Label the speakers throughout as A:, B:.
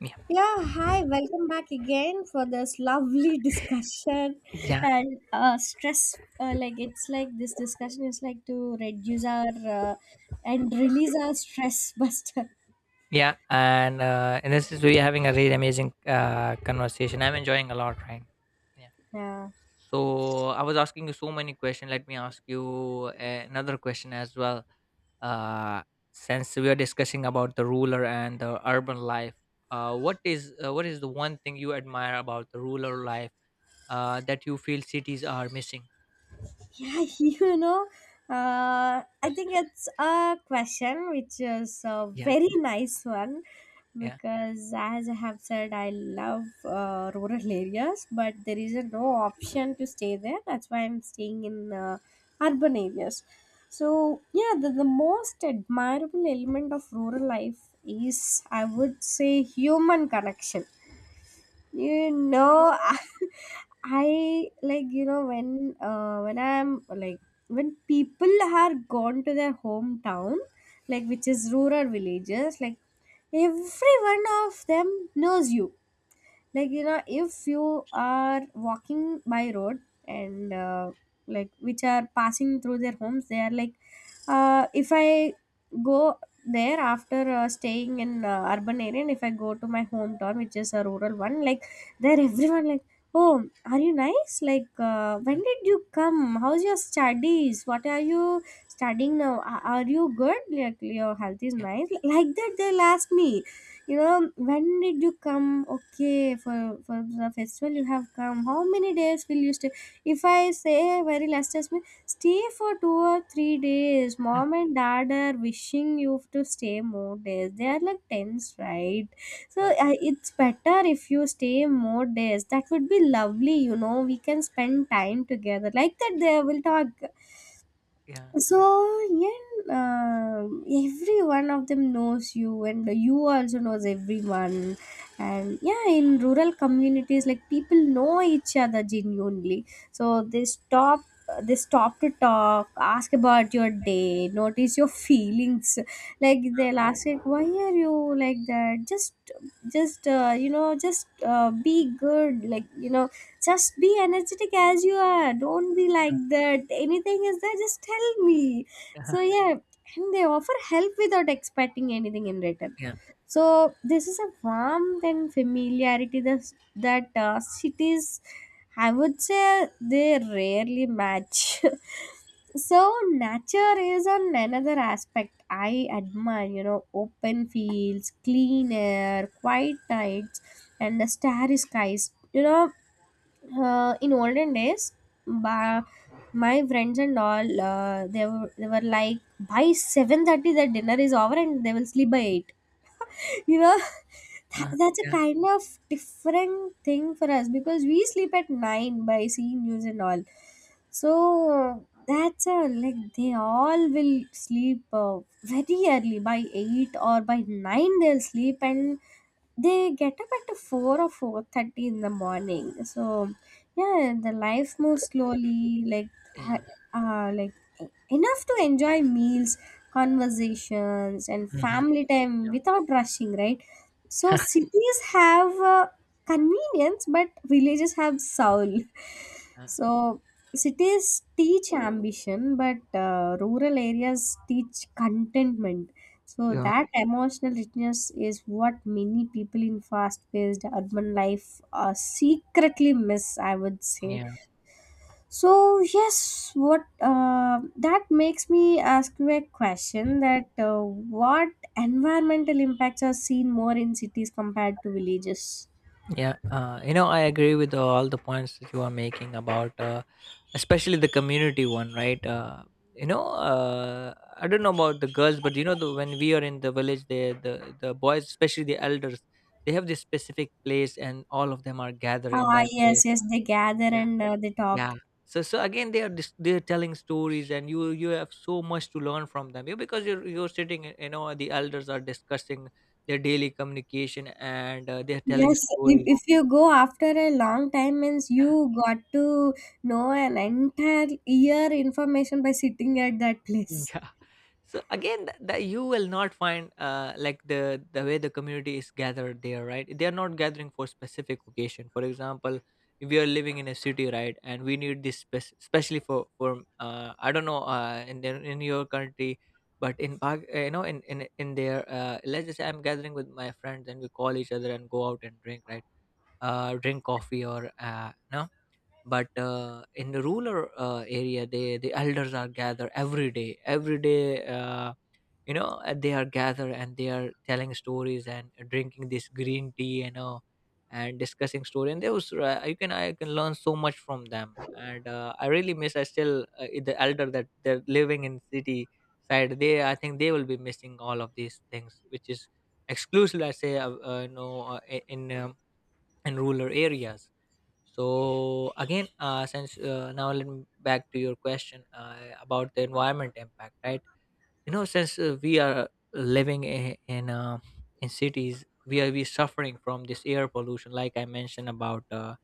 A: Yeah,
B: Yeah, hi, welcome back again for this lovely discussion
A: yeah,
B: and stress. Like, it's like this discussion is like to reduce our and release our stress buster.
A: yeah, and in this is we are having a really amazing conversation. I'm enjoying a lot, right? Yeah.
B: Yeah.
A: So I was asking you so many questions. Let me ask you another question as well. uh, since we are discussing about the ruler and the urban life, what is the one thing you admire about the ruler life that you feel cities are missing?
B: Yeah, you know, uh, I think it's a question which is a
A: Yeah,
B: very nice one
A: yeah,
B: because, as I have said, I love rural areas, but there is a no option to stay there. That's why I'm staying in urban areas. So, yeah, the most admirable element of rural life is, I would say, human connection. You know, I like, you know, when I'm like, when people are gone to their hometown, like, which is rural villages, like every one of them knows you. Like, you know, if you are walking by road and like, which are passing through their homes, they are like, if I go there after staying in urban area, and if I go to my hometown, which is a rural one, like there, everyone like, oh, are you nice, like when did you come, how's your studies, what are you studying now, are you good, like your health is
A: yeah,
B: nice, like that they'll ask me, you know, when did you come, okay, for the festival you have come, how many days will you stay, if I say very last time stay for 2 or 3 days, mom and dad are wishing you to stay more days, they are like tense, right? So,
A: yeah,
B: it's better if you stay more days, that would be lovely, you know, we can spend time together, like that they will talk.
A: yeah.
B: So yeah, every one of them knows you, and you also knows everyone. And yeah, in rural communities, like people know each other genuinely. So they stop to talk, ask about your day, notice your feelings. Like they'll ask, like, why are you like that? Just, you know, just be good. Like, you know, just be energetic as you are, don't be like that, anything is there, just tell me.
A: Uh-huh.
B: So yeah, and they offer help without expecting anything in return.
A: Yeah.
B: So this is a warmth and familiarity that cities, I would say, they rarely match. So nature is on another aspect I admire, you know, open fields, clean air, quiet nights, and the starry skies, you know. In olden days, ba- my friends and all, they were like, by 7:30 the dinner is over and they will sleep by 8. You know, that,
A: uh,
B: that's a
A: yeah.
B: kind of different thing for us because we sleep at 9 by seeing news and all. So that's a, like, they all will sleep, very early, by 8 or by 9 they'll sleep, and they get up at 4 or 4:30 in the morning. So yeah, the life moves slowly, like
A: Yeah.
B: uh, like e- enough to enjoy meals, conversations, and
A: Mm-hmm.
B: family time
A: Yeah.
B: without rushing, right? So cities have convenience, but villages have soul.
A: Hmm.
B: So cities teach ambition, but rural areas teach contentment. So
A: Yeah.
B: that emotional richness is what many people in fast paced urban life secretly miss, I would say.
A: Yeah.
B: So yes, what, that makes me ask you a question that, what environmental impacts are seen more in cities compared to villages?
A: Yeah, I agree with all the points that you are making about, especially the community one, right? I don't know about the girls, but the, when we are in the village, the boys, especially the elders, they have this specific place, and all of them are gathered in
B: Ah
A: that
B: yes,
A: place.
B: yes, they gather
A: Yeah,
B: and they
A: yeah.
B: talk.
A: So again, they are they are telling stories, and you have so much to learn from them. You Because you're sitting, the elders are discussing their daily communication, and they are telling
B: Yes, if,
A: stories.
B: if you go after a long time means
A: Yeah.
B: you got to know an entire year information by sitting at that place.
A: Yeah, so again, that you will not find like the way the community is gathered there, right? They are not gathering for specific occasion. For example, if we are living in a city, right, and we need this especially for I don't know, in their, in your country. But in you know, in in their, let's just say I'm gathering with my friends and we call each other and go out and drink, right? Drink coffee, or no. But in the rural area, they the elders are gathered every day, every day. You know, they are gathered and they are telling stories and drinking this green tea, you know. And discussing story and those. You can I can learn so much from them. And I really miss. I still The elder that they're living in city side, they I think they will be missing all of these things, which is exclusively, I say, in rural areas. So again, since now let me back to your question about the environment impact, right? You know, since we are living in in cities, we are we suffering from this air pollution. Like I mentioned about uh,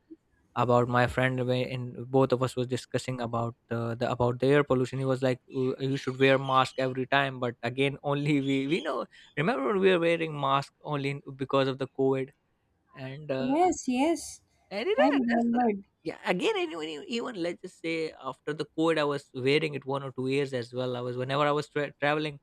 A: about my friend, and both of us was discussing about the about the air pollution. He was like, "You should wear mask every time." But again, only we know. Remember when we were wearing mask only because of the covid. And
B: Yes, yes,
A: and you
B: I
A: know, that's the—
B: remembered.
A: yeah. Again, and even let's just say after the COVID, I was wearing it 1 or 2 years as well. I was Whenever I was traveling,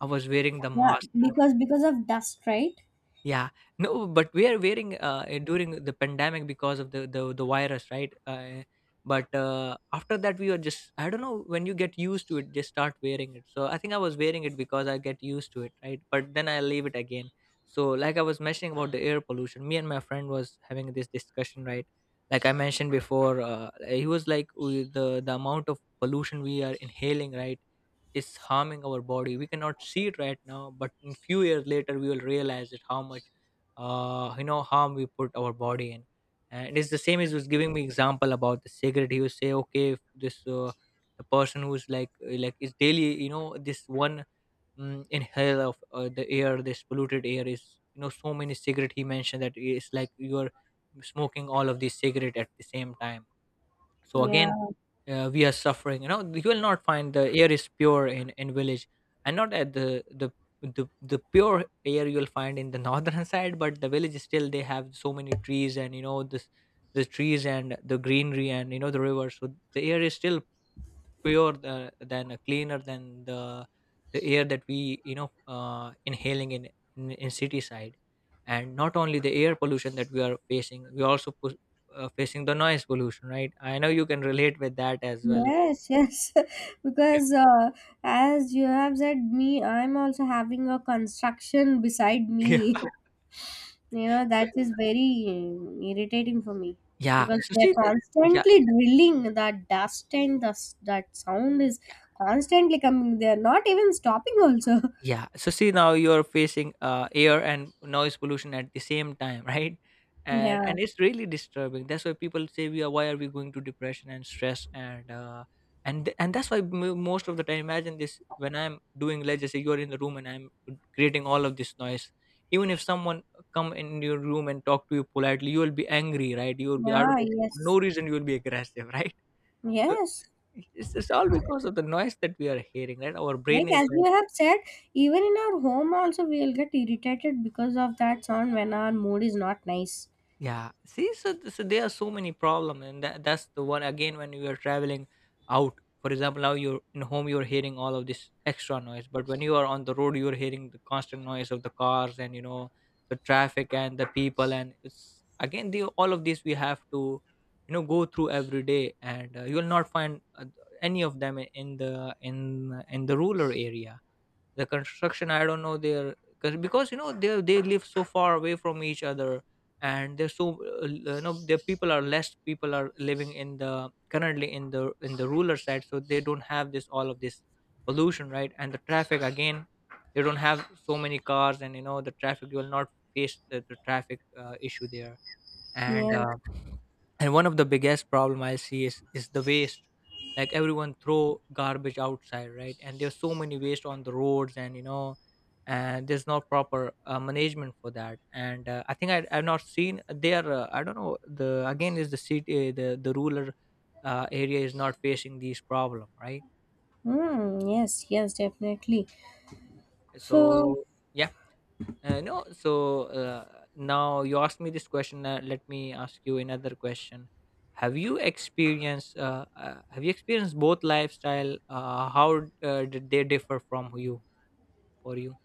A: I was wearing the
B: Yeah,
A: mask.
B: because of dust, right?
A: Yeah, no, but we are wearing during the pandemic because of the virus, right? But after that, we were just— I don't know, when you get used to it, just start wearing it. So I think I was wearing it because I get used to it, right? But then I leave it again. So like I was mentioning about the air pollution, me and my friend was having this discussion, right? Like I mentioned before, he was like, "Oh, the amount of pollution we are inhaling, right, is harming our body. We cannot see it right now, but in few years later we will realize it, how much harm we put our body in." And it's the same as— was giving me example about the cigarette. He was say, okay, if this the person who's like, like, is daily, you know, this one, inhale of the air, this polluted air is— you know, so many cigarette, he mentioned, that it's like you're smoking all of these cigarette at the same time. So
B: Yeah.
A: again, we are suffering. You know, you will not find the air is pure in village. And not at the— the pure air you'll find in the northern side. But the village is still, they have so many trees, and you know this, the trees and the greenery, and you know the river. So the air is still pure than cleaner than the air that we you know inhaling in, in city side. And not only the air pollution that we are facing, we also facing the noise pollution, right? I know you can relate with that as well, like.
B: Yes, yes,
A: Yeah,
B: because, as you have said, me, I'm also having a construction beside
A: yeah.
B: me. You know,
A: so,
B: that is very irritating for me
A: yeah,
B: because
A: so
B: they're
A: see the— yeah.
B: constantly drilling that dust, and that sound is constantly coming. They're not even stopping, also.
A: Yeah. So see, now you're facing air and noise pollution at the same time, right? And
B: Yeah,
A: and it's really disturbing. That's why people say— we are— why are we going to depression and stress, and that's why most of the time, imagine this, when I'm doing, let's just say you're in the room and I'm creating all of this noise. Even if someone come in your room and talk to you politely, you will be angry, right? You will be out
B: yeah,
A: of for
B: yes,
A: no reason. You will be aggressive, right? So
B: yes.
A: it's all because of the noise that we are hearing, right? Our
B: Like
A: brain is
B: as you
A: like—
B: have said, even in our home also, we'll get irritated because of that sound when our mood is not nice.
A: yeah, see, so, so there are so many problems, and that's the one, again, when you are traveling out. For example, now you're in home, you're hearing all of this extra noise, but when you are on the road, you're hearing the constant noise of the cars and you know the traffic and the people, and it's again the— all of this we have to you know go through every day. And you will not find any of them in the in the rural area. The construction, I don't know their cause, because you know they live so far away from each other. And they're so you know, the people are less, people are living in the— currently in the ruler side. So they don't have this— all of this pollution, right? And the traffic again, they don't have so many cars and you know the traffic. You will not face the traffic issue there. and
B: Yes.
A: uh, and one of the biggest problem I see is the waste. Like everyone throw garbage outside, right? And there's so many waste on the roads and you know, and there's no proper management for that. And I think I've not seen there. I don't know the— again, is the city, the rural area is not facing these problem, right?
B: Hmm. Yes. Yes. Definitely. So,
A: So yeah. No, so now you asked me this question. Let me ask you another question. Have you experienced both lifestyle? How did they differ from you, for you?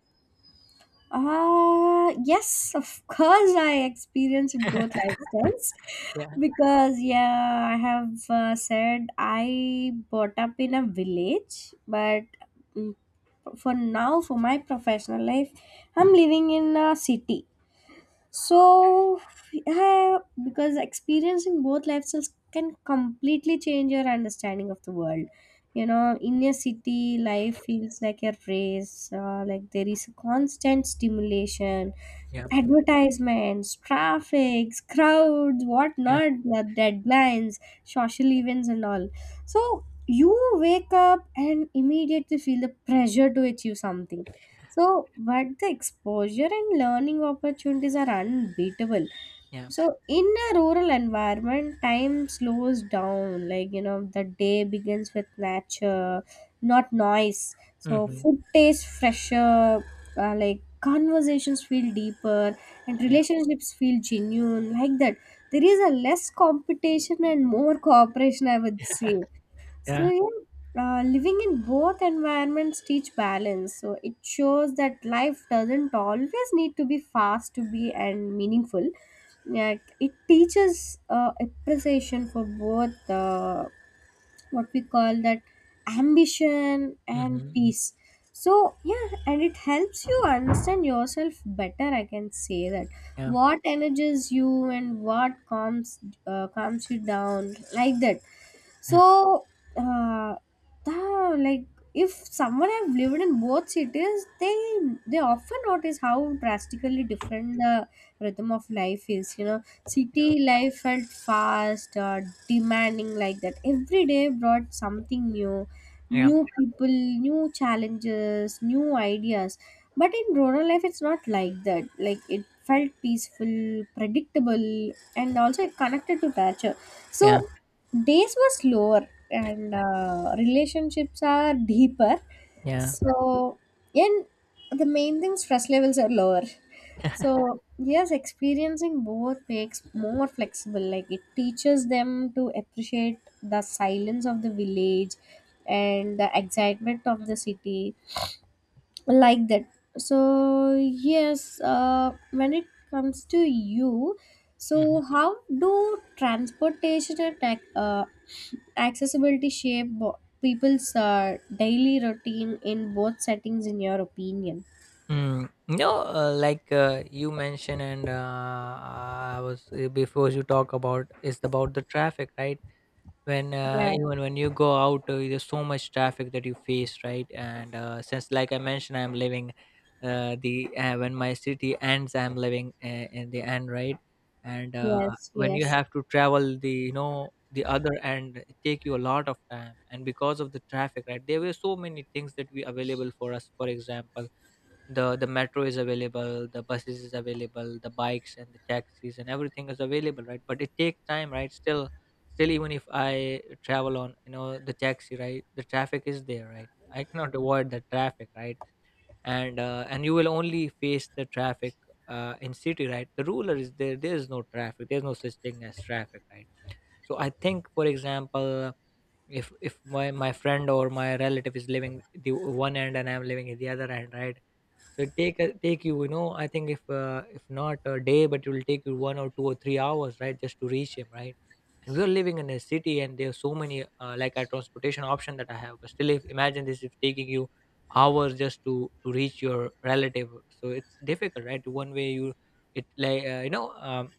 B: yes, of course, I experienced both lifestyles
A: Yeah,
B: because yeah, I have said I brought up in a village, but mm, for now, for my professional life, I'm living in a city. So, yeah, because experiencing both lifestyles can completely change your understanding of the world. You know, in a city, life feels like a race, like there is constant stimulation,
A: yeah,
B: advertisements, traffic, crowds,
A: yeah,
B: whatnot, the deadlines, social events, and all. So, you wake up and immediately feel the pressure to achieve something, so, but the exposure and learning opportunities are unbeatable.
A: yeah,
B: So, in a rural environment, time slows down. Like, you know, the day begins with nature, not noise. So,
A: mm-hmm.
B: food tastes fresher, like conversations feel deeper, and
A: Yeah,
B: relationships feel genuine. Like that, there is a less competition and more cooperation, I would say. So
A: yeah,
B: yeah, living in both environments teach balance. So it shows that life doesn't always need to be fast to be and meaningful. Yeah, it teaches appreciation for both, what we call that, ambition and
A: mm-hmm.
B: peace. So yeah, and it helps you understand yourself better, I can say that.
A: Yeah,
B: What energizes you and what calms you down, like that.
A: yeah,
B: So uh, the, like, if someone have lived in both cities, they often notice how drastically different the rhythm of life is, you know. City life felt fast, demanding, like that. Every day brought something new,
A: yeah,
B: new people, new challenges, new ideas. But in rural life, it's not like that. Like, it felt peaceful, predictable, and also connected to nature.
A: yeah,
B: So days were slower, and relationships are deeper.
A: yeah.
B: So, and the main thing, stress levels are lower. So, yes, experiencing both makes more flexible. Like it teaches them to appreciate the silence of the village and the excitement of the city, like that. So, yes, when it comes to you,
A: Mm-hmm.
B: so how do transportation and accessibility shape people's daily routine in both settings, in your opinion?
A: Mm. No, like you mentioned, and I was before you talk about is about the traffic, right? when
B: Yeah,
A: Even when you go out, there's so much traffic that you face, right? And since like I mentioned, I'm living, the when my city ends, I'm living in the end, right, and
B: yes,
A: when you
B: yes,
A: have to travel the— you know, the other end, it take you a lot of time and because of the traffic, right? There were so many things that we available for us. For example, the metro is available, the buses is available, the bikes and the taxis and everything is available, right? But it takes time, right? Still even if I travel on you know the taxi, right, the traffic is there, right? I cannot avoid the traffic, right? And you will only face the traffic in city, right? The ruler is there, there is no traffic, there's no such thing as traffic, right? So I think, for example, if my friend or my relative is living the one end and I'm living in the other end, right? So it take you, you know, I think, if not a day, but it will take you 1 or 2 or 3 hours, right, just to reach him, right? And we're living in a city and there are so many like a transportation option that I have. But still, if— imagine this is taking you hours just to reach your relative. So it's difficult, right? One way you— it like,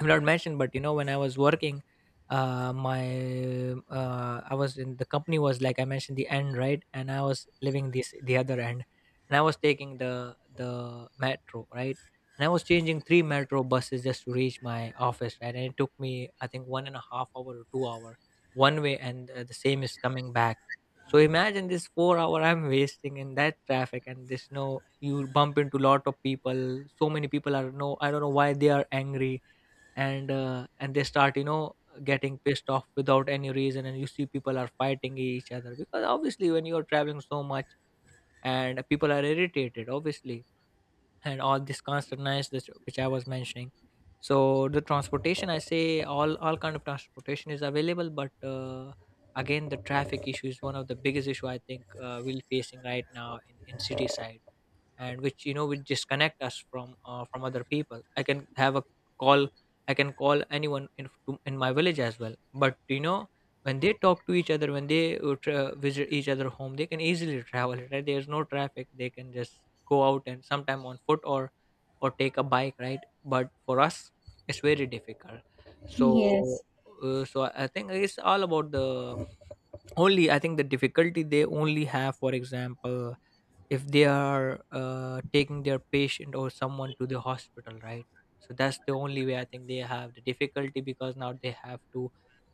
A: I will not mentioned, But you know, when I was working, my I was in the company was like I mentioned the end, right, and I was living this the other end. And I was taking the metro, right, and I was changing three metro buses just to reach my office, right. And it took me, I think, 1.5 hour or 2 hour one way, and the same is coming back. So imagine this, 4 hour I'm wasting in that traffic. And there's no, you bump into lot of people. So many people are, no, I don't know why they are angry. And they start, you know, getting pissed off without any reason, and you see people are fighting each other. Because obviously when you're traveling so much, and people are irritated obviously, and all this constant noise that, which I was mentioning. So the transportation, I say all kind of transportation is available, but again, the traffic issue is one of the biggest issue, I think we're facing right now in city side. And which, you know, would disconnect us from other people. I can have a call, I can call anyone in in my village as well, but you know, when they talk to each other, when they visit each other home, they can easily travel, right. There's no traffic, they can just go out and sometime on foot, or take a bike, right. But for us, it's very difficult. So
B: yes.
A: so I think it's all about the, only, I think the difficulty they only have, for example, if they are taking their patient or someone to the hospital, right. So that's the only way, I think, they have the difficulty, because now they have to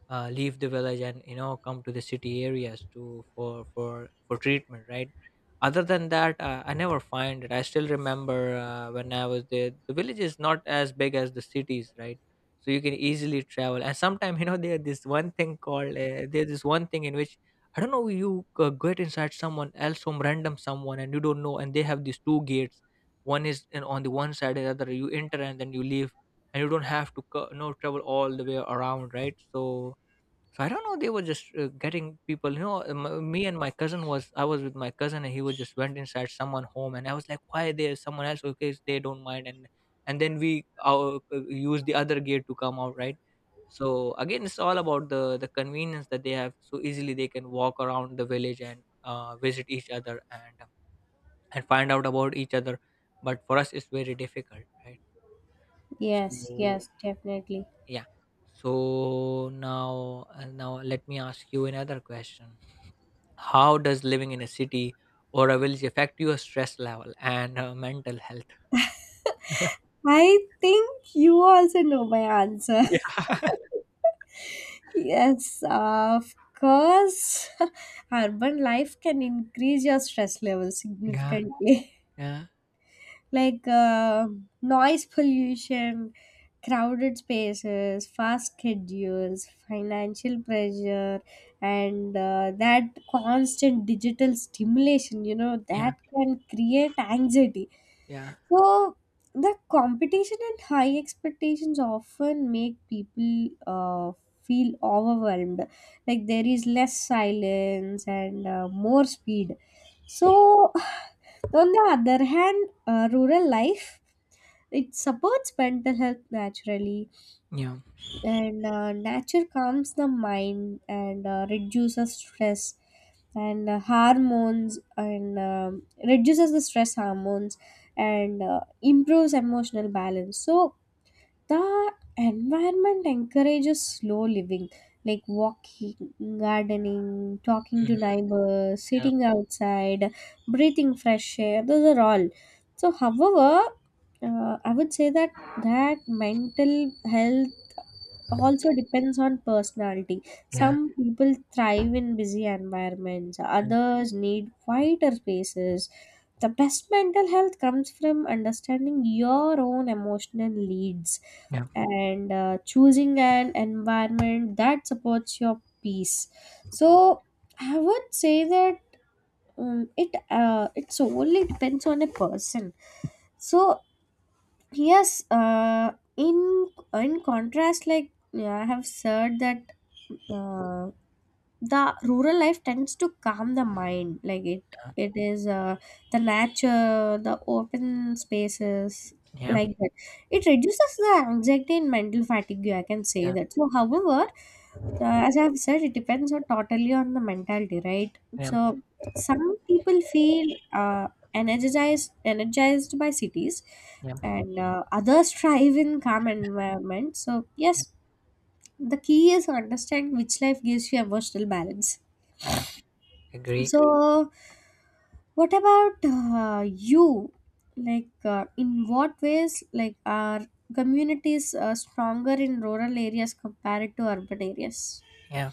A: leave the village and, you know, come to the city areas to, for treatment, right. Other than that, I never find it. I still remember when I was there, the village is not as big as the cities, right. So you can easily travel. And sometimes you know, there this one thing called there's this one thing in which, I don't know, you get inside someone else, some random someone, and you don't know, and they have these two gates. One is in, on the one side, and the other you enter and then you leave, and you don't have to co- no travel all the way around, right. So so I don't know, they were just getting people. You know, me and my cousin was, I was with my cousin, and he was just went inside someone home, and I was like, "Why there's someone else? Okay, they don't mind." And then we uh, use the other gate to come out, right? So again, it's all about the convenience that they have. So easily they can walk around the village and visit each other and find out about each other. But for us, it's very difficult, right?
B: Yes,
A: So
B: yes, definitely.
A: yeah. So now, now let me ask you another question. How does living in a city or a village affect your stress level and mental health?
B: I think you also know my answer. Yes, of course. Urban life can increase your stress level
A: Yeah.
B: significantly.
A: Yeah.
B: Like, noise pollution, crowded spaces, fast schedules, financial pressure, and that constant digital stimulation, you know, that can create anxiety.
A: Yeah.
B: So the competition and high expectations often make people feel overwhelmed. Like there is less silence and more speed. So, on the other hand, rural life, it supports mental health naturally,
A: Yeah.
B: and nature calms the mind and reduces stress and hormones, and reduces the stress hormones and improves emotional balance. So the environment encourages slow living, like walking, gardening, talking to
A: Mm-hmm.
B: neighbors,
A: Yeah.
B: sitting outside, breathing fresh air, those are all. So however, I would say that that mental health also depends on personality.
A: Yeah.
B: Some people thrive in busy environments,
A: Mhm.
B: others need quieter spaces. The best mental health comes from understanding your own emotional needs
A: Yeah.
B: and choosing an environment that supports your peace.
A: Yeah.
B: So, I would say that it's only depends on a person. So, yes, in contrast, like yeah, I have said that. Mm. uh, the rural life tends to calm the mind, like it is, the nature, the open spaces,
A: Yeah. Yeah.
B: like that, it reduces the anxiety and mental fatigue, I can say
A: Yeah. Yeah.
B: that. So however, as I've said, it depends on, totally on the mentality, right?
A: Yeah.
B: So some people feel energized by cities,
A: Yeah.
B: and others thrive in calm environment. So yes,
A: Yeah.
B: the key is understand which life gives you emotional balance.
A: Yeah. Agree.
B: So, what about you? Like, in what ways, like, are communities stronger in rural areas compared to urban areas?
A: Yeah.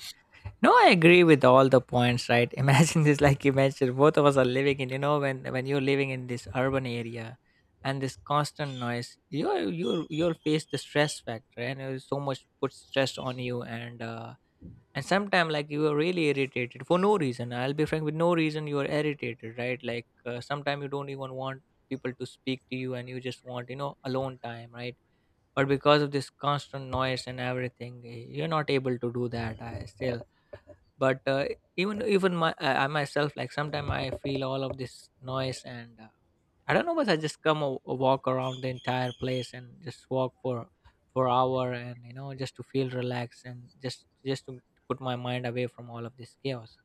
A: No, I agree with all the points, right? Imagine this, like you mentioned, both of us are living in, you know, when you're living in this urban area and this constant noise, you'll face the stress factor, and so much puts stress on you, and sometimes like you are really irritated for no reason, I'll be frank, with no reason you are irritated, right. Like sometimes you don't even want people to speak to you, and you just want, you know, alone time, right. But because of this constant noise and everything, you're not able to do that. I still, but even my I myself, like sometimes I feel all of this noise and I don't know, but I just come a walk around the entire place and just walk for hour and, you know, just to feel relaxed and just to put my mind away from all of this chaos.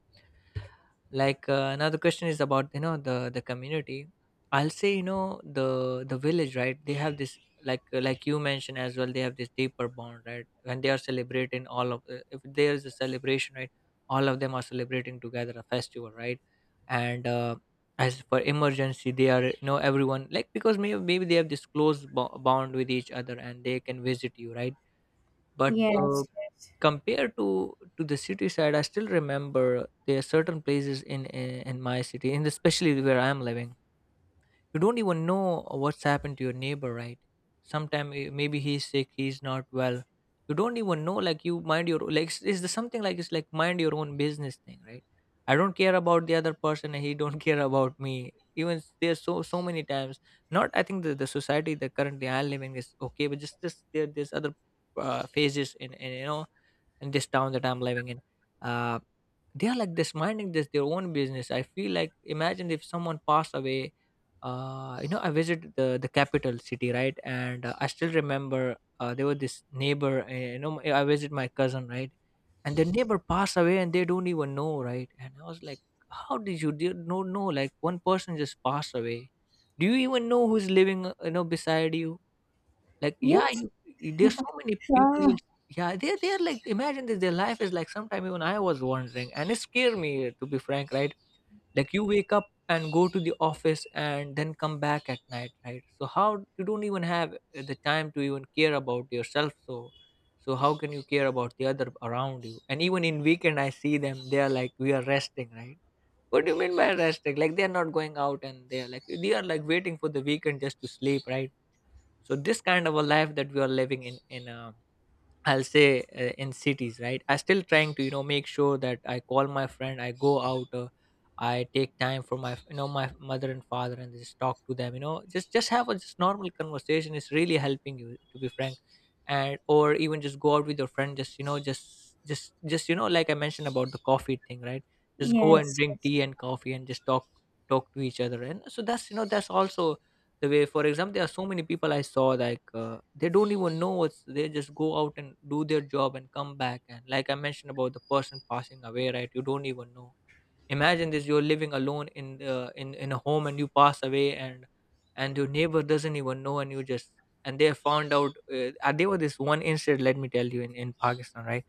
A: Like now the question is about, you know, the community, I'll say, you know, the village, right, they have this, like you mentioned as well, they have this deeper bond, right. When they are celebrating all of, if there is a celebration, right, all of them are celebrating together, a festival, right. And as for emergency, they are, you know, everyone, like because maybe they have this close bond with each other, and they can visit you, right. But
B: Yes, yes,
A: compared to the city side, I still remember, there are certain places in my city, and especially where I'm living, you don't even know what's happened to your neighbor, right. Sometime maybe he's sick, he's not well, you don't even know. Like, you mind your, like is the something like it's like mind your own business thing, right. I don't care about the other person, and he don't care about me. Even there's so many times, not I think the society that currently I'm living is okay, but just this there's other phases in, you know, in this town that I'm living in, uh, they are like this, minding this their own business, I feel like. Imagine if someone passed away, you know, I visited the capital city, right, and I still remember, there was this neighbor, you know, I visit my cousin, right, and the neighbor passed away and they don't even know, right. And I was like, how did you do, no no, like one person just passed away, do you even know who's living, you know, beside you? Like, yeah,
B: yes,
A: you, there's so many people. You,
B: sure.
A: yeah, they're like, imagine this, their life is like, sometime even I was wondering, and it scared me, to be frank, right? Like, you wake up and go to the office and then come back at night, right? So how, you don't even have the time to even care about yourself, so so how can you care about the other around you? And even in weekend I see them, they are like we are resting, right? What do you mean by resting? Like they are not going out, and they are like, they are like waiting for the weekend just to sleep, right? So this kind of a life that we are living in, I'll say in cities, right, I still trying to, you know, make sure that I call my friend, I go out, I take time for my, you know, my mother and father, and just talk to them, you know, just have a, just normal conversation is really helping you, to be frank. And or even just go out with your friend, just, you know, just you know, like I mentioned about the coffee thing, right, just go, yeah, and
B: Yes,
A: drink
B: yes.
A: tea and coffee and just talk, talk to each other. And so that's, you know, that's also the way. For example, there are so many people I saw, like they don't even know what's, they just go out and do their job and come back. And like I mentioned about the person passing away, right, you don't even know. Imagine this, you're living alone in the, in a home, and you pass away and your neighbor doesn't even know, and you just, and they found out, there was this one incident, let me tell you, in Pakistan, right.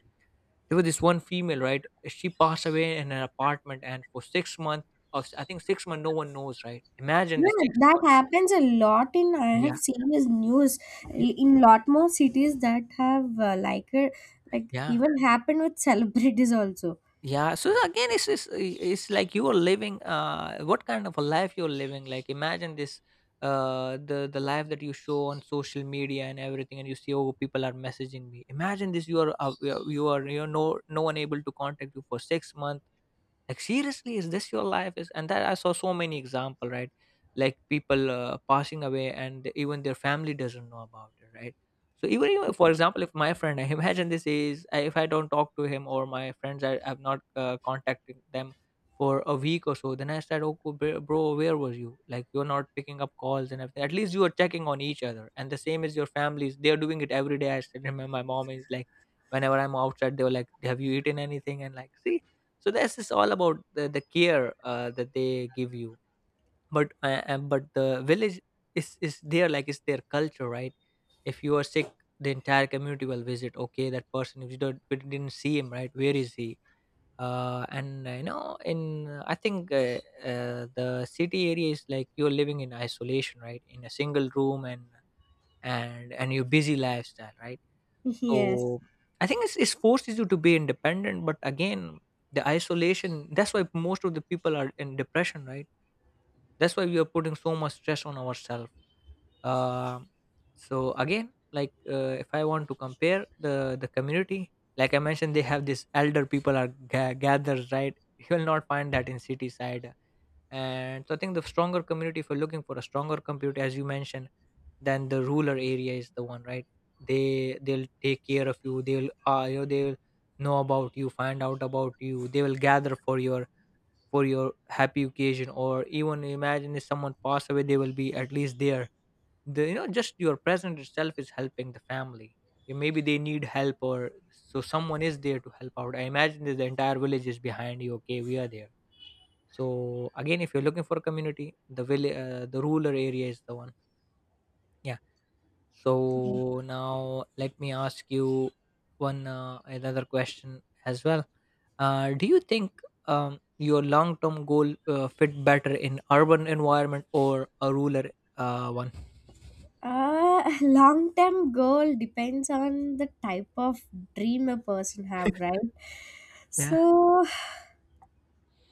A: There was this one female, right, she passed away in an apartment, and for 6 months, of I think 6 months, no one knows, right. Imagine this.
B: Yeah,
A: six
B: that
A: months
B: happens a lot in, I have
A: Yeah.
B: seen this news in lot more cities that have, like
A: Yeah,
B: even happened with celebrities also.
A: yeah. So again, it's it's like you are living. What kind of a life you're living? Like imagine this, the life that you show on social media and everything, and you see, oh, people are messaging me. Imagine this. You are no one able to contact you for 6 months. Like, seriously, is this your life? Is and that I saw so many example, right? Like people passing away and even their family doesn't know about it, right? So even if, for example, if my friend I imagine this is if I don't talk to him or my friends, I have not contacted them for a week or so, then I said, oh, bro, where was you? Like, you're not picking up calls and everything. At least you are checking on each other. And the same is your families, they're doing it every day. I still remember my mom is like, whenever I'm outside, they were like, have you eaten anything? And like, see, so this is all about the care that they give you. But but the village is there. Like, it's their culture, right? If you are sick, the entire community will visit, okay, that person. If you don't, we didn't see him, right? Where is he? Uh, and you know in I think The city area is like you're living in isolation, right? In a single room. And your busy lifestyle, right?
B: Yes.
A: So I think it's forces you to be independent, but again, the isolation. That's why most of the people are in depression, right? That's why we are putting so much stress on ourselves. Um so again, like if I want to compare the community, like I mentioned, they have this elder people are gathered, right? You will not find that in city side. And so I think the stronger community, if you're looking for a stronger community, as you mentioned, then the rural area is the one, right? They'll take care of you. They'll you know, they'll know about you, find out about you. They will gather for your, for your happy occasion, or even imagine if someone passed away, they will be at least there. The, you know, just your presence itself is helping the family. Yeah, maybe they need help, or so someone is there to help out. I imagine that the entire village is behind you. Okay, we are there. So again, if you're looking for a community, the the rural area is the one. Yeah. So now let me ask you one another question as well. Do you think your long-term goal fit better in urban environment or a rural one?
B: Long term goal depends on the type of dream a person have, right?
A: Yeah.
B: So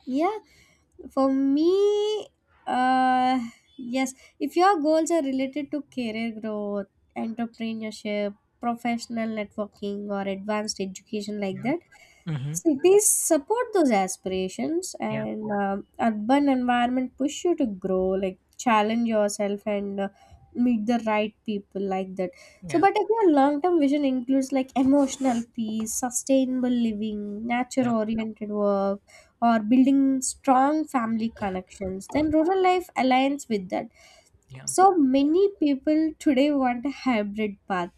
B: yeah, for me, uh yes, if your goals are related to career growth, entrepreneurship, professional networking, or advanced education, like
A: Yeah.
B: that,
A: Mm-hmm.
B: cities support those aspirations.
A: Yeah.
B: And urban environment push you to grow, like challenge yourself and meet the right people, like that. So
A: Yeah.
B: but if your long term vision includes, like, emotional peace, sustainable living, nature
A: Yeah.
B: oriented work, or building strong family connections, then rural life aligns with that.
A: Yeah.
B: So many people today want a hybrid path,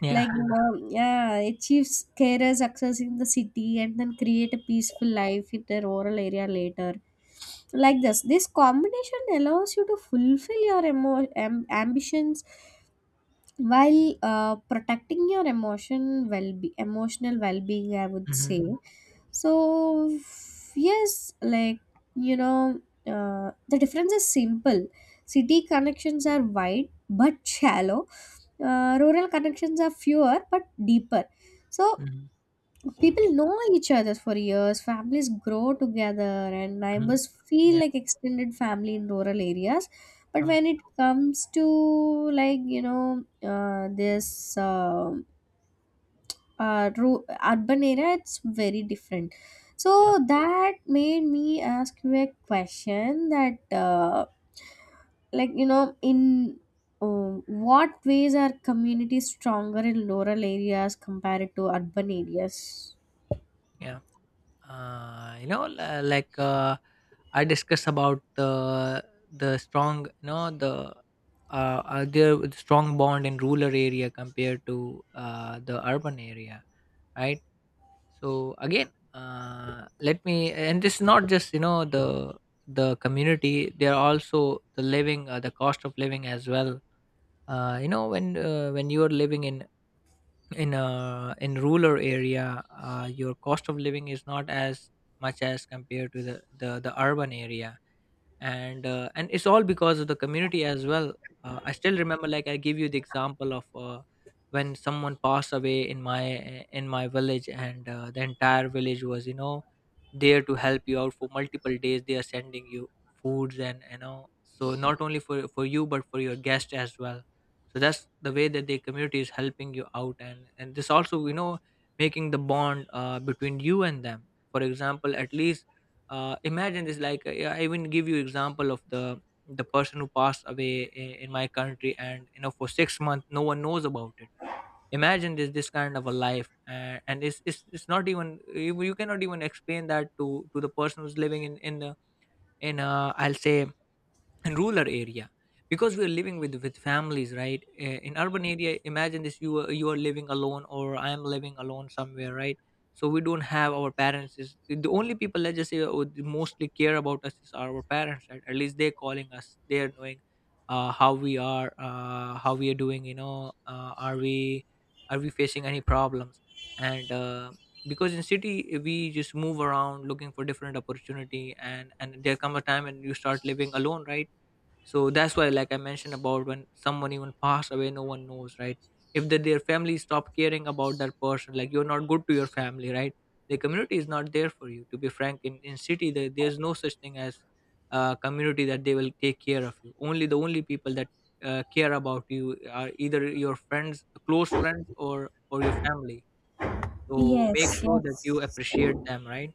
A: Yeah.
B: like you, yeah, achieves career success in the city and then create a peaceful life in the rural area later. Like, this combination allows you to fulfill your ambitions while protecting your emotional well-being, I would
A: Mm-hmm.
B: say. So, yes, like, you know, the difference is simple. City connections are wide but shallow, rural connections are fewer but deeper. So,
A: Mm-hmm.
B: people
A: Yeah.
B: know each other for years, families grow together, and
A: Mm-hmm.
B: neighbors feel
A: Yeah.
B: like extended family in rural areas. But
A: Um,
B: when it comes to, like, you know, uh, ru- urban area, it's very different. So
A: yeah.
B: that made me ask you a question that, like you know, in uh, what ways are communities stronger in rural areas compared to urban areas?
A: Yeah. You know, like I discussed about the strong, you know, the there was strong bond in rural area compared to the urban area, right? So again, let me, and this is not just, you know, the community. They are also the living, the cost of living as well. When you are living in a, in rural area, your cost of living is not as much as compared to the urban area. And and it's all because of the community as well. I still remember, like, I give you the example of when someone passed away in my, in my village. And the entire village was, you know, there to help you out for multiple days. They are sending you foods, and, you know, so not only for you, but for your guest as well. So that's the way that the community is helping you out. And this also, you know, making the bond between you and them. For example, at least imagine this, like, yeah, I even give you example of the person who passed away in my country, and you know, for 6 months no one knows about it. Imagine this, this kind of a life. And it's not even you, you cannot even explain that to the person who's living in the, in I'll say, and rural area, because we are living with families, right? In urban area, imagine this, you are living alone, or I am living alone somewhere, right? So we don't have our parents, is the only people, let's just say, would mostly care about us is our parents, right? At least they're calling us, they're knowing how we are, how we are doing, you know, are we, are we facing any problems? And Because in city, we just move around looking for different opportunity. And there come a time and you start living alone, right? So that's why, like I mentioned about, when someone even passed away, no one knows, right? If their family stop caring about that person, like, you're not good to your family, right? The community is not there for you, to be frank. In city, there's no such thing as community that they will take care of you. Only the only people that care about you are either your friends, close friends, or your family. So make
B: Yes,
A: sure that you
B: yes,
A: appreciate them, right?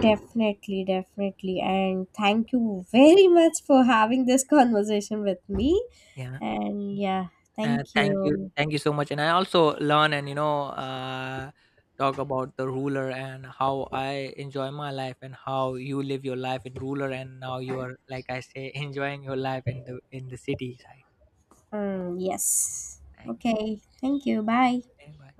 B: definitely, definitely. And thank you very much for having this conversation with me.
A: Yeah.
B: And yeah, thank you.
A: Thank you so much. And I also learn, and you know talk about the ruler and how I enjoy my life, and how you live your life in ruler, and now you are, like I say, enjoying your life in the, in the city side.
B: Mm, yes.
A: Thank you.
B: Okay. Thank you. Bye.
A: Bye.